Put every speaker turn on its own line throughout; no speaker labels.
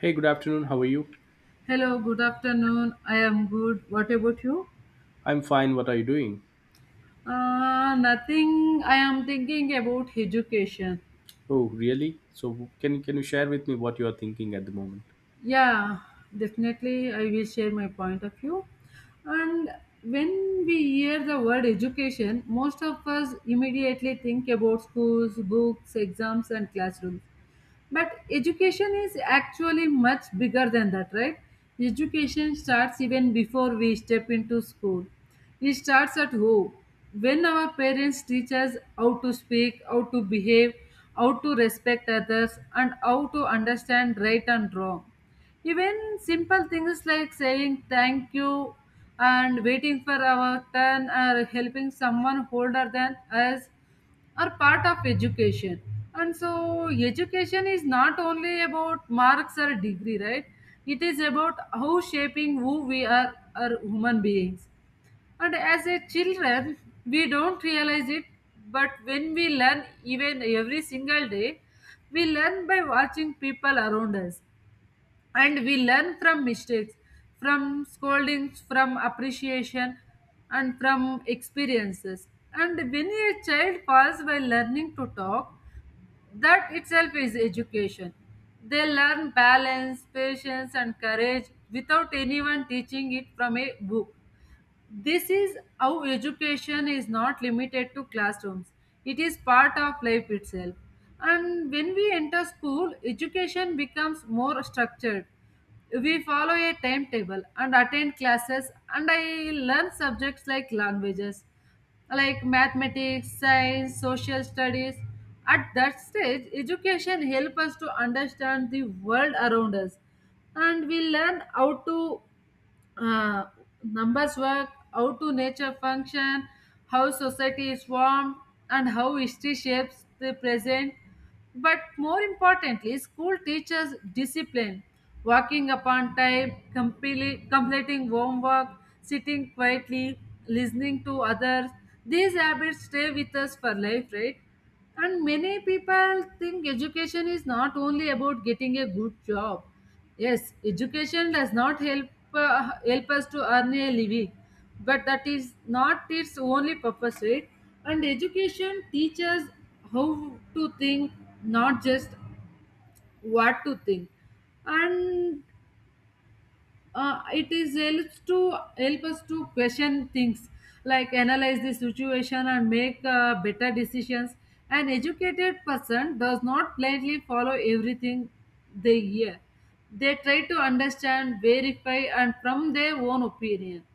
Hey, good afternoon. How are you?
Hello, good afternoon. I am good. What about you?
I'm fine. What are you doing?
Nothing. I am thinking about education.
Oh, really? So can you share with me what you are thinking at the moment?
Yeah, definitely. I will share my point of view. And when we hear the word education, most of us immediately think about schools, books, exams, and classrooms. But education is actually much bigger than that, right? Education starts even before we step into school. It starts at home. When our parents teach us how to speak, how to behave, how to respect others, and how to understand right and wrong. Even simple things like saying thank you and waiting for our turn or helping someone older than us are part of education, and so education is not only about marks or degree, right? It is about how shaping who we are human beings. And as a children, we don't realize it, but when we learn even every single day, we learn by watching people around us, and we learn from mistakes, from scoldings, from appreciation, and from experiences. And when a child falls by learning to talk, that itself is education. They learn balance, patience, and courage without anyone teaching it from a book. This is how education is not limited to classrooms. It is part of life itself. And when we enter school, education becomes more structured. We follow a timetable and attend classes, and I learn subjects like languages, like mathematics, science, social studies. At that stage, education helps us to understand the world around us, and we learn how to uh, numbers work, how to nature function, how society is formed, and how history shapes the present. But more importantly, school teaches discipline, working upon time, completing homework, sitting quietly, listening to others. These habits stay with us for life, right? And many people think education is not only about getting a good job. Yes, education does not help help us to earn a living, but that is not its only purpose, right? And education teaches how to think, not just what to think. And it is helps to help us to question things, like analyze the situation and make better decisions. An educated person does not blindly follow everything they hear. They try to understand, verify, and from their own opinion.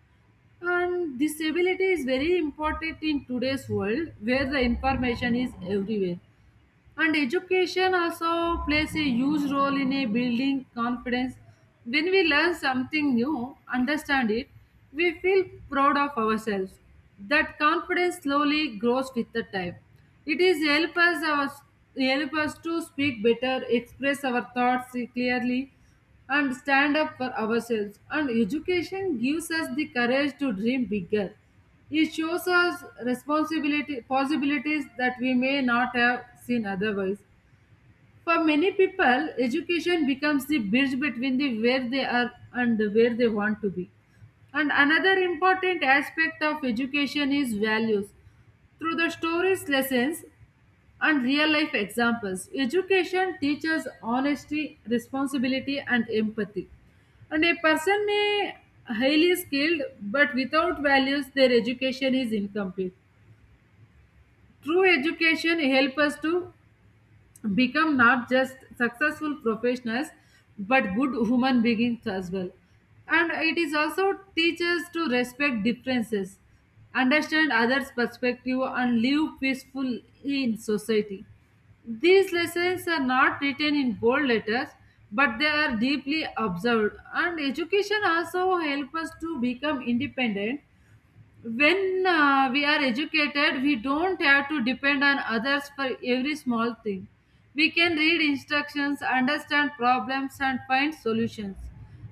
And this ability is very important in today's world where the information is everywhere. And education also plays a huge role in a building confidence. When we learn something new, understand it, we feel proud of ourselves. That confidence slowly grows with the time. It is help us, our, help us to speak better, express our thoughts clearly, and stand up for ourselves. And education gives us the courage to dream bigger. It shows us responsibility possibilities that we may not have seen otherwise. For many people, education becomes the bridge between the where they are and where they want to be. And another important aspect of education is values. Through the stories lessons, and real life examples. Education teaches honesty, responsibility, and empathy. And a person may highly skilled, but without values, their education is incomplete. True education helps us to become not just successful professionals but good human beings as well. And it is also teaches to respect differences, understand others perspective, and live peacefully in society. These lessons are not written in bold letters, but they are deeply observed. And education also helps us to become independent. When we are educated, we don't have to depend on others for every small thing. We can read instructions, understand problems, and find solutions.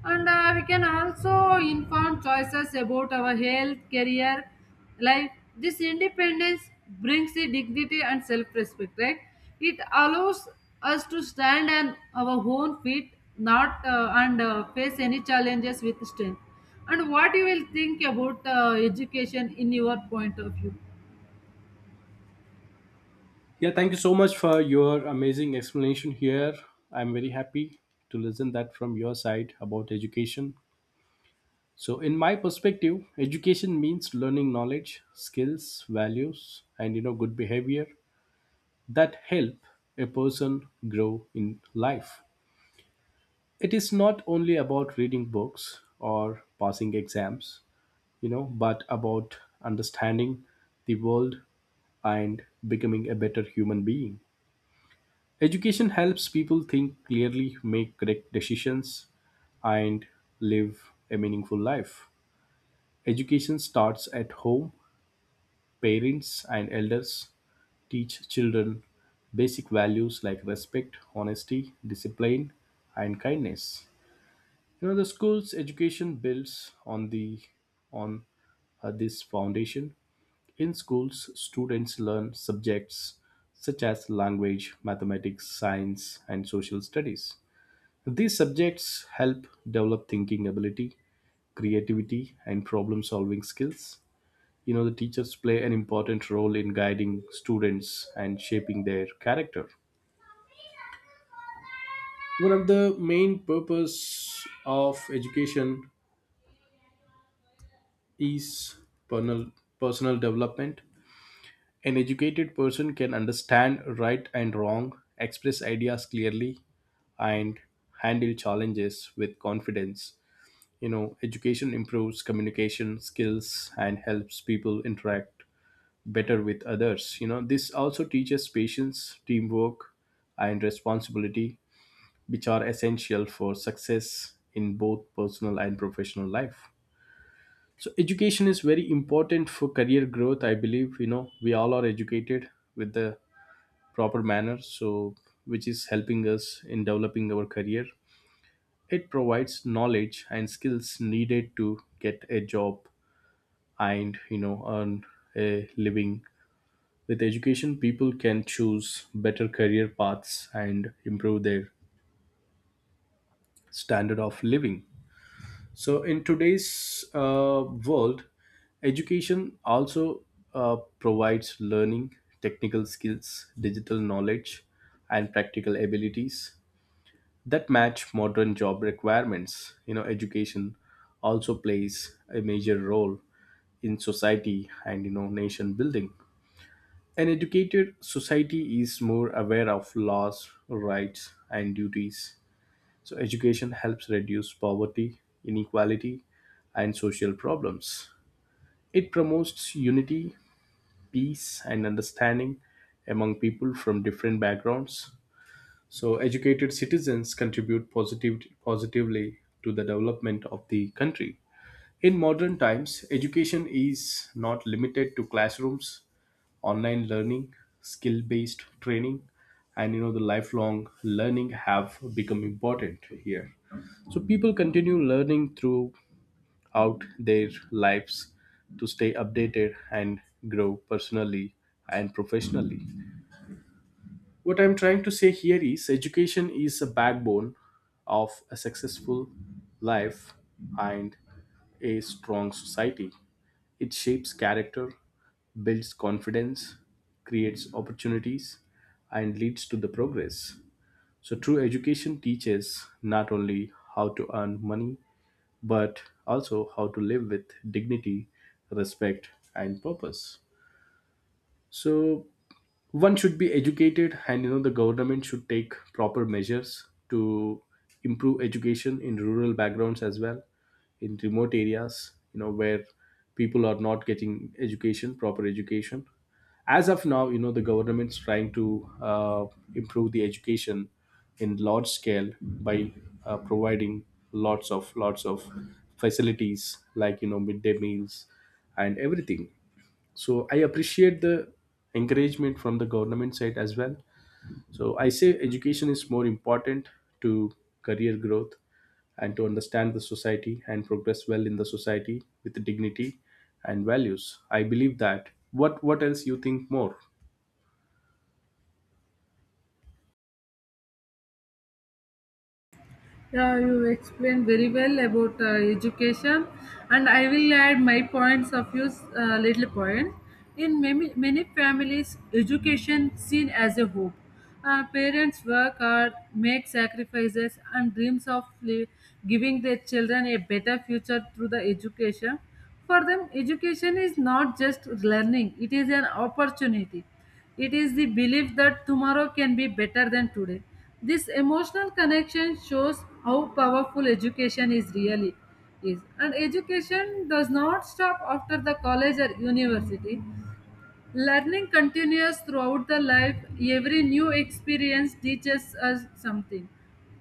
And we can also inform choices about our health career, like this independence brings the dignity and self-respect, right? It allows us to stand on our own feet, not and face any challenges with strength. And what you will think about education in your point of view?
Yeah, thank you so much for your amazing explanation here. I'm very happy to listen that from your side about education. So in my perspective, education means learning knowledge, skills, values, and you know, good behavior that help a person grow in life. It is not only about reading books or passing exams, you know, but about understanding the world and becoming a better human being. Education helps people think clearly, make correct decisions, and live a meaningful life. Education starts at home. Parents and elders teach children basic values like respect, honesty, discipline, and kindness. You know, the school's education builds on the on this foundation. In schools, students learn subjects such as language, mathematics, science, and social studies. These subjects help develop thinking ability, creativity, and problem solving skills. You know, the teachers play an important role in guiding students and shaping their character. One of the main purpose of education is personal, personal development. An educated person can understand right and wrong, express ideas clearly, and handle challenges with confidence. You know, education improves communication skills and helps people interact better with others. You know, this also teaches patience, teamwork, and responsibility, which are essential for success in both personal and professional life. So education is very important for career growth. I believe, you know, we all are educated with the proper manner, so which is helping us in developing our career. It provides knowledge and skills needed to get a job and, you know, earn a living. With education, people can choose better career paths and improve their standard of living. So in today's uh, world, education also uh, provides learning technical skills, digital knowledge, and practical abilities that match modern job requirements. You know, education also plays a major role in society and, you know, nation building. An educated society is more aware of laws, rights, and duties. So education helps reduce poverty, inequality, and social problems. It promotes unity, peace, and understanding among people from different backgrounds. So educated citizens contribute positively to the development of the country. In modern times, education is not limited to classrooms. Online learning, skill-based training, and, you know, the lifelong learning have become important here. So people continue learning throughout their lives to stay updated and grow personally and professionally. What I'm trying to say here is education is a backbone of a successful life and a strong society. It shapes character, builds confidence, creates opportunities, and leads to the progress. So true education teaches not only how to earn money but also how to live with dignity, respect, and purpose. So one should be educated, and you know, the government should take proper measures to improve education in rural backgrounds as well. In remote areas, you know, where people are not getting education proper education. As of now, you know, the government's trying to improve the education in large scale by providing lots of facilities like, you know, midday meals and everything. So I appreciate the encouragement from the government side as well. So I say education is more important to career growth and to understand the society and progress well in the society with dignity and values. I believe that. What else you think more?
Yeah, you explained very well about education, and I will add my points of view, little point. In many, many families, education seen as a hope. Parents work hard, make sacrifices, and giving their children a better future through the education. For them, education is not just learning, it is an opportunity. It is the belief that tomorrow can be better than today. This emotional connection shows how powerful education is. And education does not stop after the college or university. Learning continues throughout the life. Every new experience teaches us something.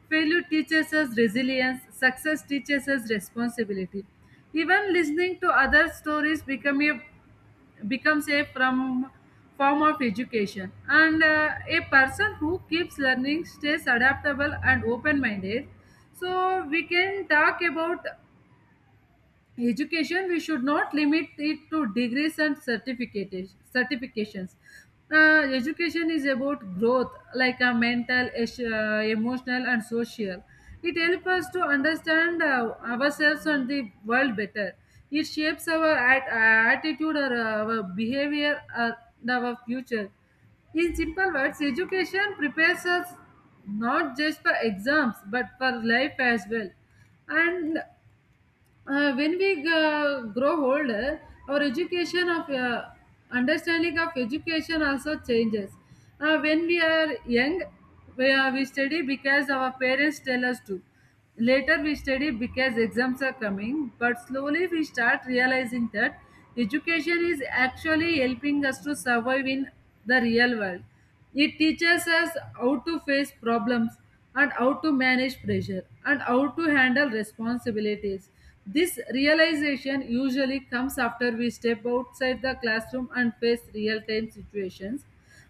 Failure teaches us resilience, success teaches us responsibility. Even listening to other stories becomes a form of education. And a person who keeps learning stays adaptable and open minded. So, we can talk about education. We should not limit it to degrees and certificates certifications. Education is about growth, like a mental emotional and social. It helps us to understand ourselves and the world better. It shapes our attitude or our behavior or our future. In simple words, education prepares us not just for exams but for life as well. And when we grow older, our education of understanding of education also changes. When we are young, we study because our parents tell us to. Later we study because exams are coming, but slowly we start realizing that education is actually helping us to survive in the real world. It teaches us how to face problems, and how to manage pressure, and how to handle responsibilities. This realization usually comes after we step outside the classroom and face real time situations.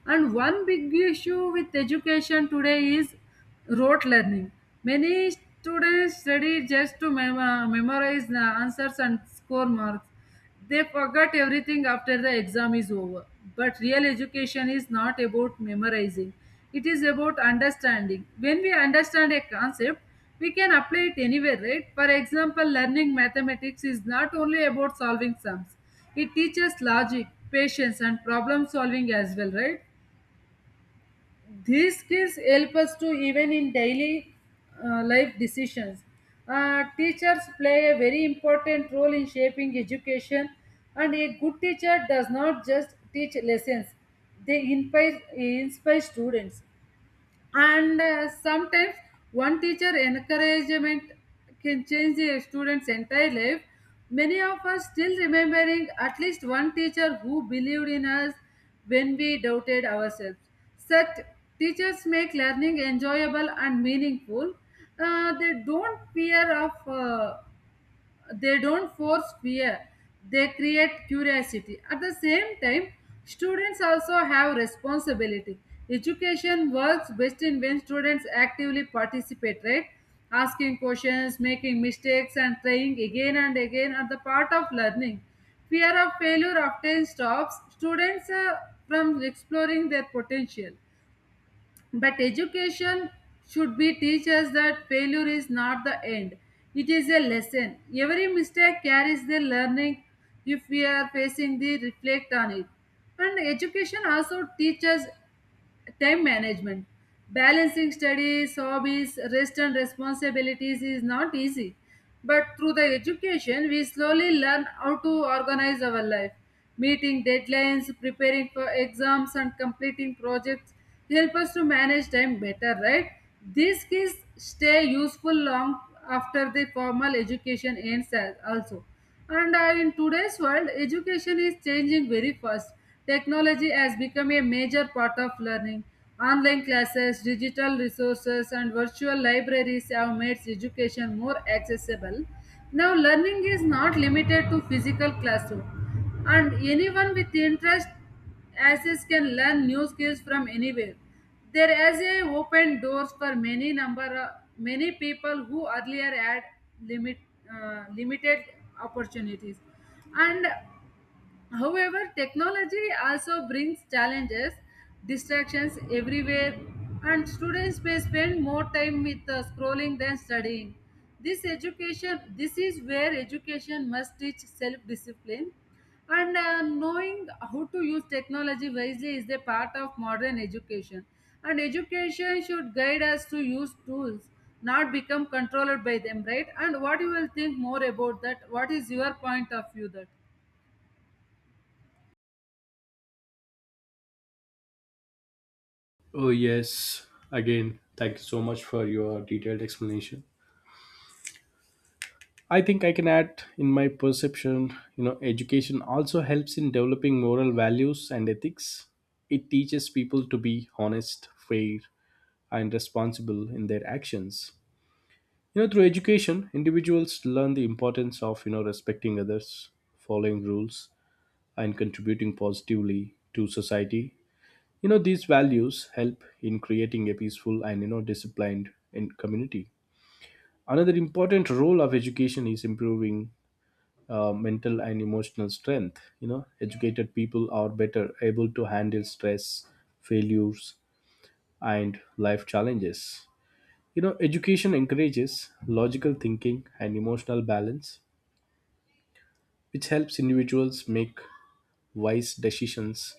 And one big issue with education today is rote learning. Many students study just to memorize the answers and score marks. They forget everything after the exam is over. But real education is not about memorizing, it is about understanding. When we understand a concept, we can apply it anywhere, right? For example, learning mathematics is not only about solving sums, it teaches logic, patience, and problem solving as well, right? These skills help us to even in daily life decisions. Teachers play a very important role in shaping education, and a good teacher does not just teach lessons. They inspire students, and sometimes one teacher encouragement can change a student's entire life. Many of us still remembering at least one teacher who believed in us when we doubted ourselves. Such teachers make learning enjoyable and meaningful. They don't fear of they don't force fear, they create curiosity. At the same time, students also have responsibility. Education works best in when students actively participate, right? Asking questions, making mistakes, and trying again and again are the part of learning. Fear of failure often stops students from exploring their potential, but education should be teach us that failure is not the end. It is a lesson. Every mistake carries the learning if we are facing the reflect on it. And education also teaches time management. Balancing studies, hobbies, rest, and responsibilities is not easy, but through the education we slowly learn how to organize our life. Meeting deadlines, preparing for exams, and completing projects help us to manage time better, right? These skills stay useful long after the formal education ends also. And in today's world, education is changing very fast. Technology has become a major part of learning. Online classes, digital resources, and virtual libraries have made education more accessible. Now, learning is not limited to physical classroom, and anyone with interest Assets can learn new skills from anywhere. Their essay opened doors for many number many people who earlier had limit limited opportunities, and However, technology also brings challenges, distractions everywhere, and students may spend more time with scrolling than studying. This education, this is where education must teach self-discipline, and knowing how to use technology wisely is a part of modern education. And education should guide us to use tools, not become controlled by them, right? And what you will think more about that? What is your point of view that?
Oh yes, again thank you so much for your detailed explanation. I think I can add in my perception, you know, education also helps in developing moral values and ethics. It teaches people to be honest, fair, and responsible in their actions. You know, through education, individuals learn the importance of, you know, respecting others, following rules, and contributing positively to society. You know, these values help in creating a peaceful and, you know, disciplined in community. Another important role of education is improving mental and emotional strength. You know, educated people are better able to handle stress, failures, and life challenges. You know, education encourages logical thinking and emotional balance, which helps individuals make wise decisions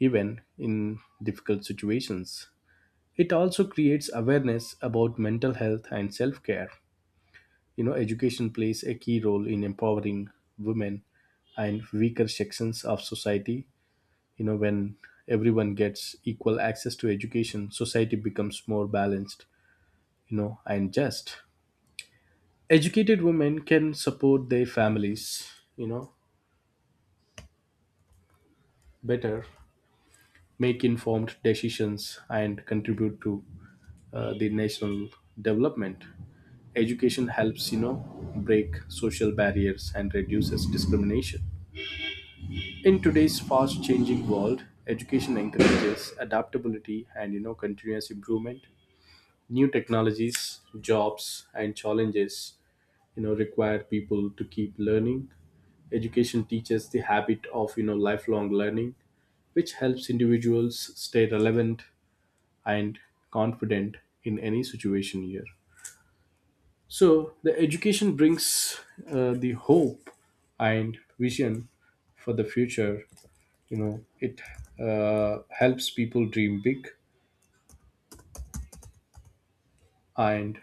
even in difficult situations. It also creates awareness about mental health and self care. You know, education plays a key role in empowering women and weaker sections of society. You know, when everyone gets equal access to education, society becomes more balanced. You know, and just educated women can support their families, you know, better, make informed decisions, and contribute to the national development. Education helps, you know, break social barriers and reduces discrimination. In today's fast changing world, education encourages adaptability and, you know, continuous improvement. New technologies, jobs, and challenges, you know, require people to keep learning. Education teaches the habit of, you know, lifelong learning, which helps individuals stay relevant and confident in any situation here. So the education brings the hope and vision for the future. You know, it helps people dream big, and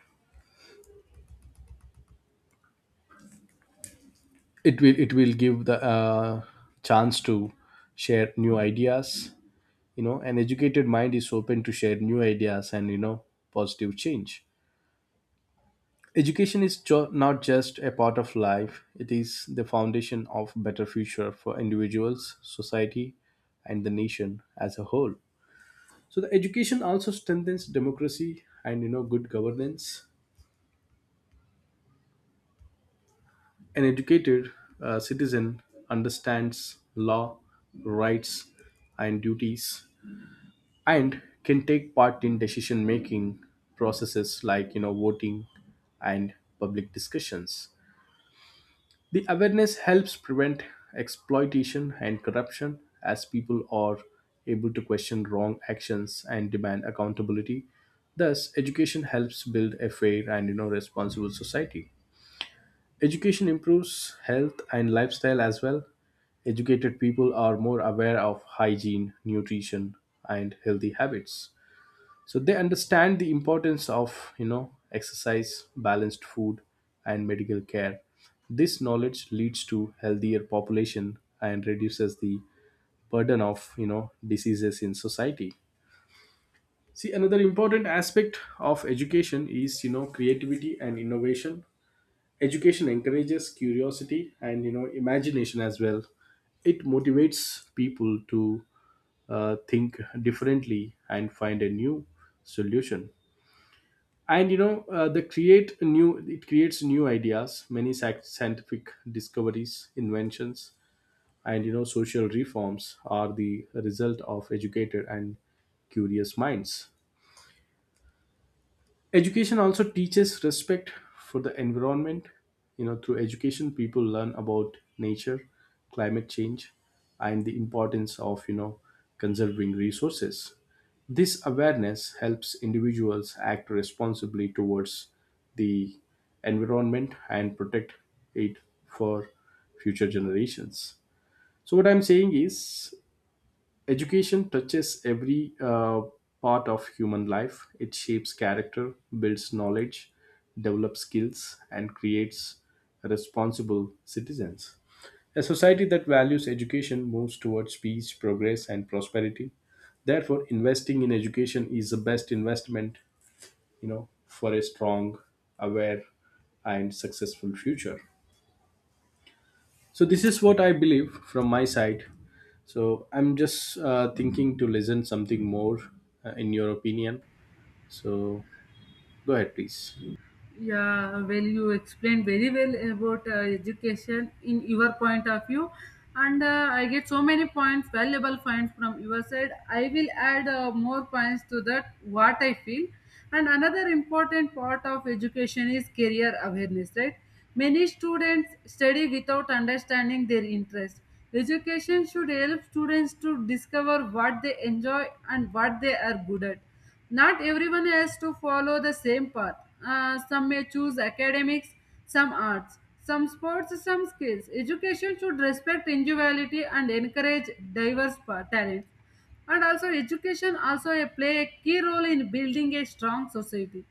it will give the chance to share new ideas. You know, an educated mind is open to share new ideas and, you know, positive change. Education is not just a part of life, it is the foundation of better future for individuals, society, and the nation as a whole. So the education also strengthens democracy and, you know, good governance. An educated citizen understands law, rights, and duties, and can take part in decision making processes like, you know, voting and public discussions. The awareness helps prevent exploitation and corruption, as people are able to question wrong actions and demand accountability. Thus education helps build a fair and, you know, responsible society. Education improves health and lifestyle as well. Educated people are more aware of hygiene, nutrition, and healthy habits. So they understand the importance of, you know, exercise, balanced food, and medical care. This knowledge leads to healthier population and reduces the burden of, you know, diseases in society. See, another important aspect of education is, you know, creativity and innovation. Education encourages curiosity and, you know, imagination as well. It motivates people to think differently and find a new solution, and you know, the create new it creates new ideas. Many scientific discoveries, inventions, and, you know, social reforms are the result of educated and curious minds. Education also teaches respect for the environment. You know, through education, people learn about nature, climate change, and the importance of, you know, conserving resources. This awareness helps individuals act responsibly towards the environment and protect it for future generations. So, what I'm saying is, education touches every part of human life. It shapes character, builds knowledge, develops skills, and creates responsible citizens. A society that values education moves towards peace, progress, and prosperity. Therefore, investing in education is the best investment, you know, for a strong, aware, and successful future. So this is what I believe from my side. So I'm just thinking to listen something more in your opinion. So go ahead, please.
Yeah, well, you explained very well about education in your point of view, and I get so many points, valuable points from your side. I will add more points to that what I feel. And another important part of education is career awareness, right? Many students study without understanding their interest. Education should help students to discover what they enjoy and what they are good at. Not everyone has to follow the same path. Some may choose academics, some arts, some sports, some skills. Education should respect individuality and encourage talents. And also, education also play a key role in building a strong society.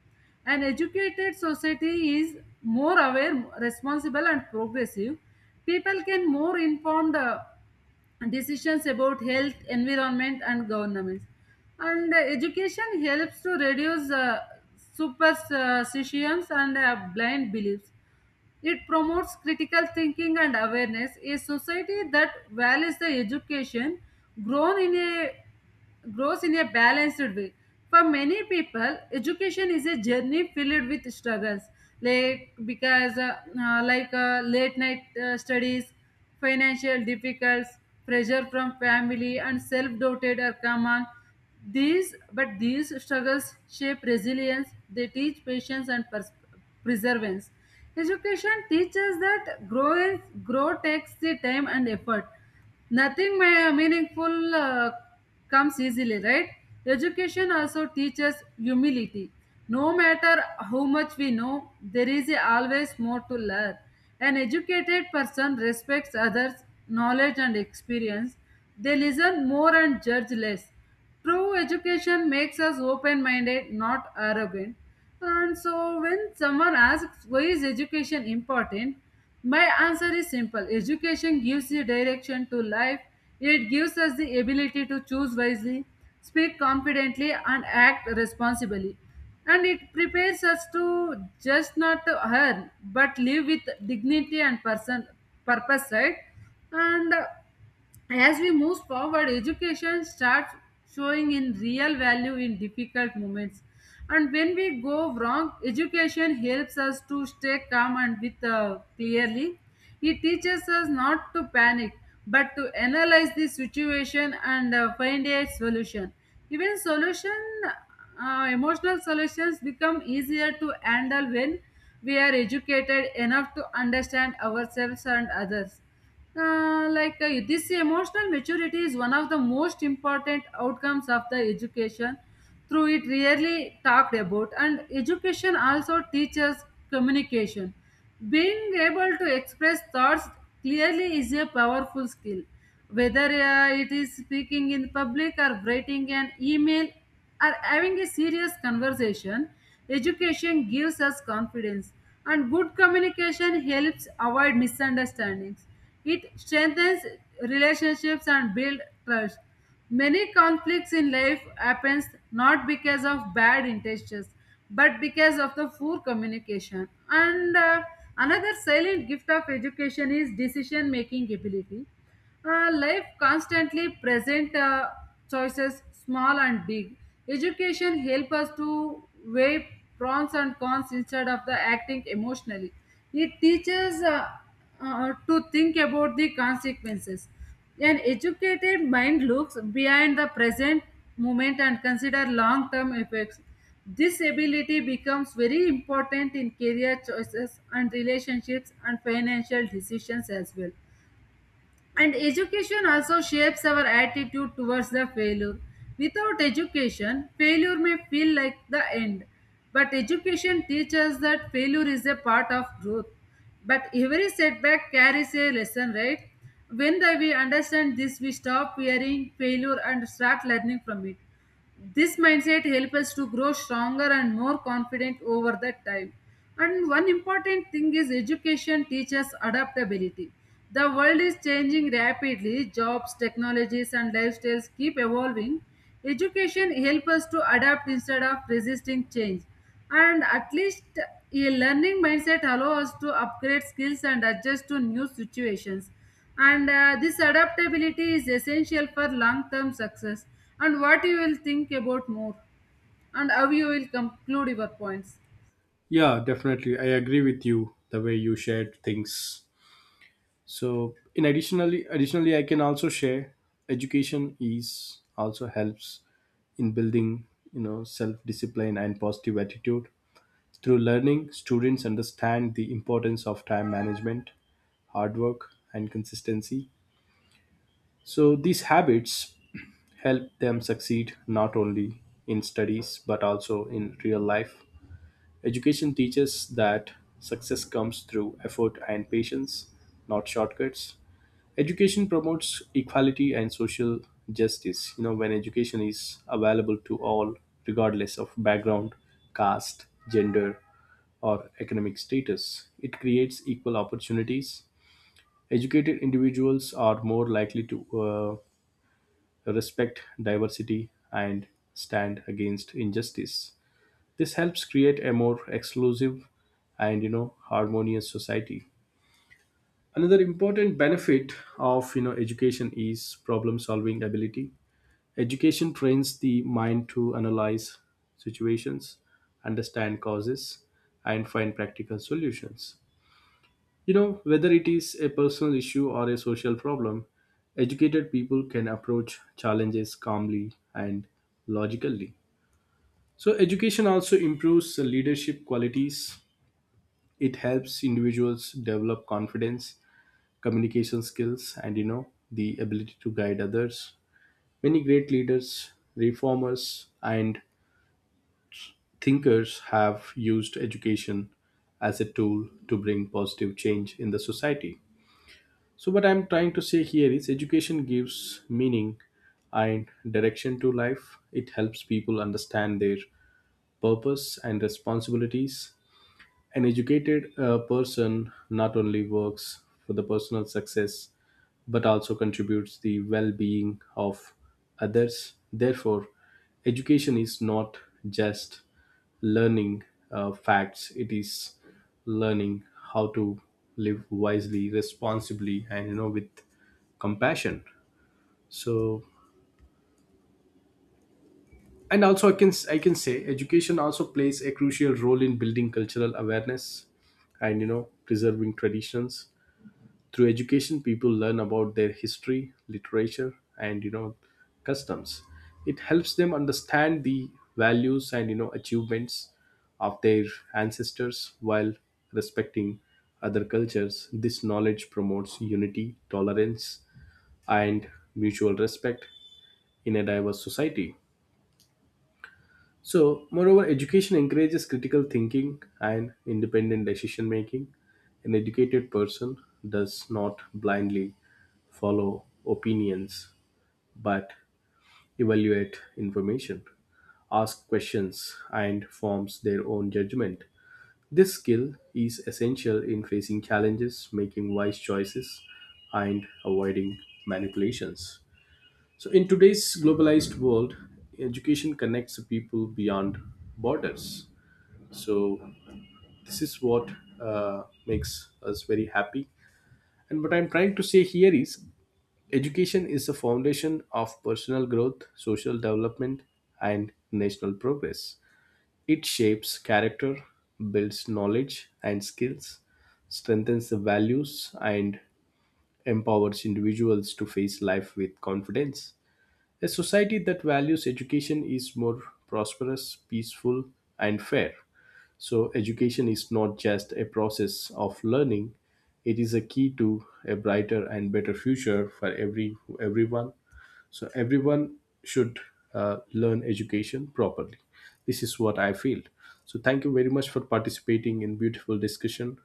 An educated society is more aware, responsible, and progressive. People can more informed decisions about health, environment, and governance. And education helps to reduce superstitions and blind beliefs. It promotes critical thinking and awareness. A society that values the education grown in a grows in a balanced way. For many people, education is a journey filled with struggles, like because like late night studies, financial difficulties, pressure from family, and self-doubted are common. These but these struggles shape resilience. They teach patience and perseverance. Education teaches that growth grow takes the time and effort. Nothing meaningful comes easily, right? Education also teaches humility. No matter how much we know, there is always more to learn. An educated person respects others' knowledge and experience. They listen more and judge less. True education makes us open minded, not arrogant. And so, when someone asks why is education important, my answer is simple: education gives you direction to life, it gives us the ability to choose wisely, speak confidently, and act responsibly. And it prepares us to just not to earn, but live with dignity and purpose, right? And as we move forward, education starts showing in real value in difficult moments. And when we go wrong, education helps us to stay calm and with clearly. It teaches us not to panic, but to analyze the situation and find a solution. Even solution, emotional solutions become easier to handle when we are educated enough to understand ourselves and others. This emotional maturity is one of the most important outcomes of the education through it rarely talked about. And education also teaches communication. Being able to express thoughts clearly is a powerful skill, whether it is speaking in public or writing an email are having a serious conversation, education gives us confidence, and good communication helps avoid misunderstandings. It strengthens relationships and builds trust. Many conflicts in life happens not because of bad intentions, but because of the poor communication. And another silent gift of education is decision making ability. Life constantly present choices, small and big. Education help us to weigh pros and cons instead of the acting emotionally. It teaches to think about the consequences. An educated mind looks behind the present moment and consider long-term effects. This ability becomes very important in career choices and relationships and financial decisions as well. And education also shapes our attitude towards the failure. Without education, failure may feel like the end. But education teaches that failure is a part of growth. But every setback carries a lesson, right? When we understand this, we stop fearing failure and start learning from it. This mindset helps us to grow stronger and more confident over the time. And one important thing is education teaches adaptability. The world is changing rapidly, jobs, technologies, and lifestyles keep evolving. Education helps us to adapt instead of resisting change, and at least a learning mindset allows us to upgrade skills and adjust to new situations. And this adaptability is essential for long term success. And what you will think about more, and how you will conclude your points?
Yeah, definitely. I agree with you the way you shared things. So in additionally additionally I can also share, education is also helps in building, you know, self discipline and positive attitude. Through learning, students understand the importance of time management, hard work, and consistency. So these habits help them succeed not only in studies but also in real life. Education teaches that success comes through effort and patience, not shortcuts. Education promotes equality and social justice. You know, when education is available to all, regardless of background, caste, gender, or economic status, it creates equal opportunities. Educated individuals are more likely to respect diversity and stand against injustice. This helps create a more exclusive and, you know, harmonious society. Another important benefit of, you know, education is problem solving ability. Education trains the mind to analyze situations, understand causes, and find practical solutions. You know, whether it is a personal issue or a social problem, educated people can approach challenges calmly and logically. So, education also improves leadership qualities. It helps individuals develop confidence, communication skills, and, you know, the ability to guide others. Many great leaders, reformers, and thinkers have used education as a tool to bring positive change in the society. So what I'm trying to say here is education gives meaning and direction to life. It helps people understand their purpose and responsibilities. An educated person not only works for the personal success but also contributes the well-being of others. Therefore, education is not just learning facts; it is learning how to live wisely, responsibly, and, you know, with compassion. So, and also I can say education also plays a crucial role in building cultural awareness and, you know, preserving traditions. Through education, people learn about their history, literature, and, you know, customs. It helps them understand the values and, you know, achievements of their ancestors while respecting other cultures. This knowledge promotes unity, tolerance, and mutual respect in a diverse society. So, moreover, education encourages critical thinking and independent decision making. An educated person does not blindly follow opinions but evaluate information, ask questions, and forms their own judgment. This skill is essential in facing challenges, making wise choices, and avoiding manipulations. So, in today's globalized world, education connects people beyond borders. So this is what makes us very happy. And what I'm trying to say here is education is the foundation of personal growth, social development, and national progress. It shapes character, builds knowledge and skills, strengthens the values, and empowers individuals to face life with confidence. A society that values education is more prosperous, peaceful, and fair. So, education is not just a process of learning, it is a key to a brighter and better future for everyone. So, everyone should learn education properly. This is what I feel. So, thank you very much for participating in beautiful discussion.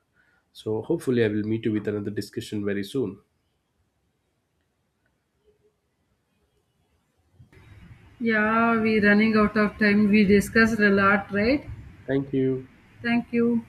So, hopefully, I will meet you with another discussion very soon.
Yeah, we running out of time, we discussed a lot, right?
Thank you.
Thank you.